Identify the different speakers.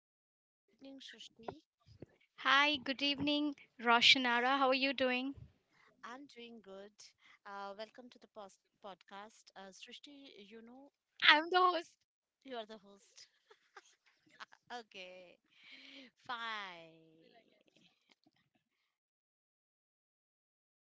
Speaker 1: Hi, good evening, Srishti.
Speaker 2: Hi, good evening, Roshanara. How are you doing?
Speaker 1: I'm doing good. Welcome to the pos podcast.
Speaker 2: I'm the host.
Speaker 1: You are the host. Okay, fine.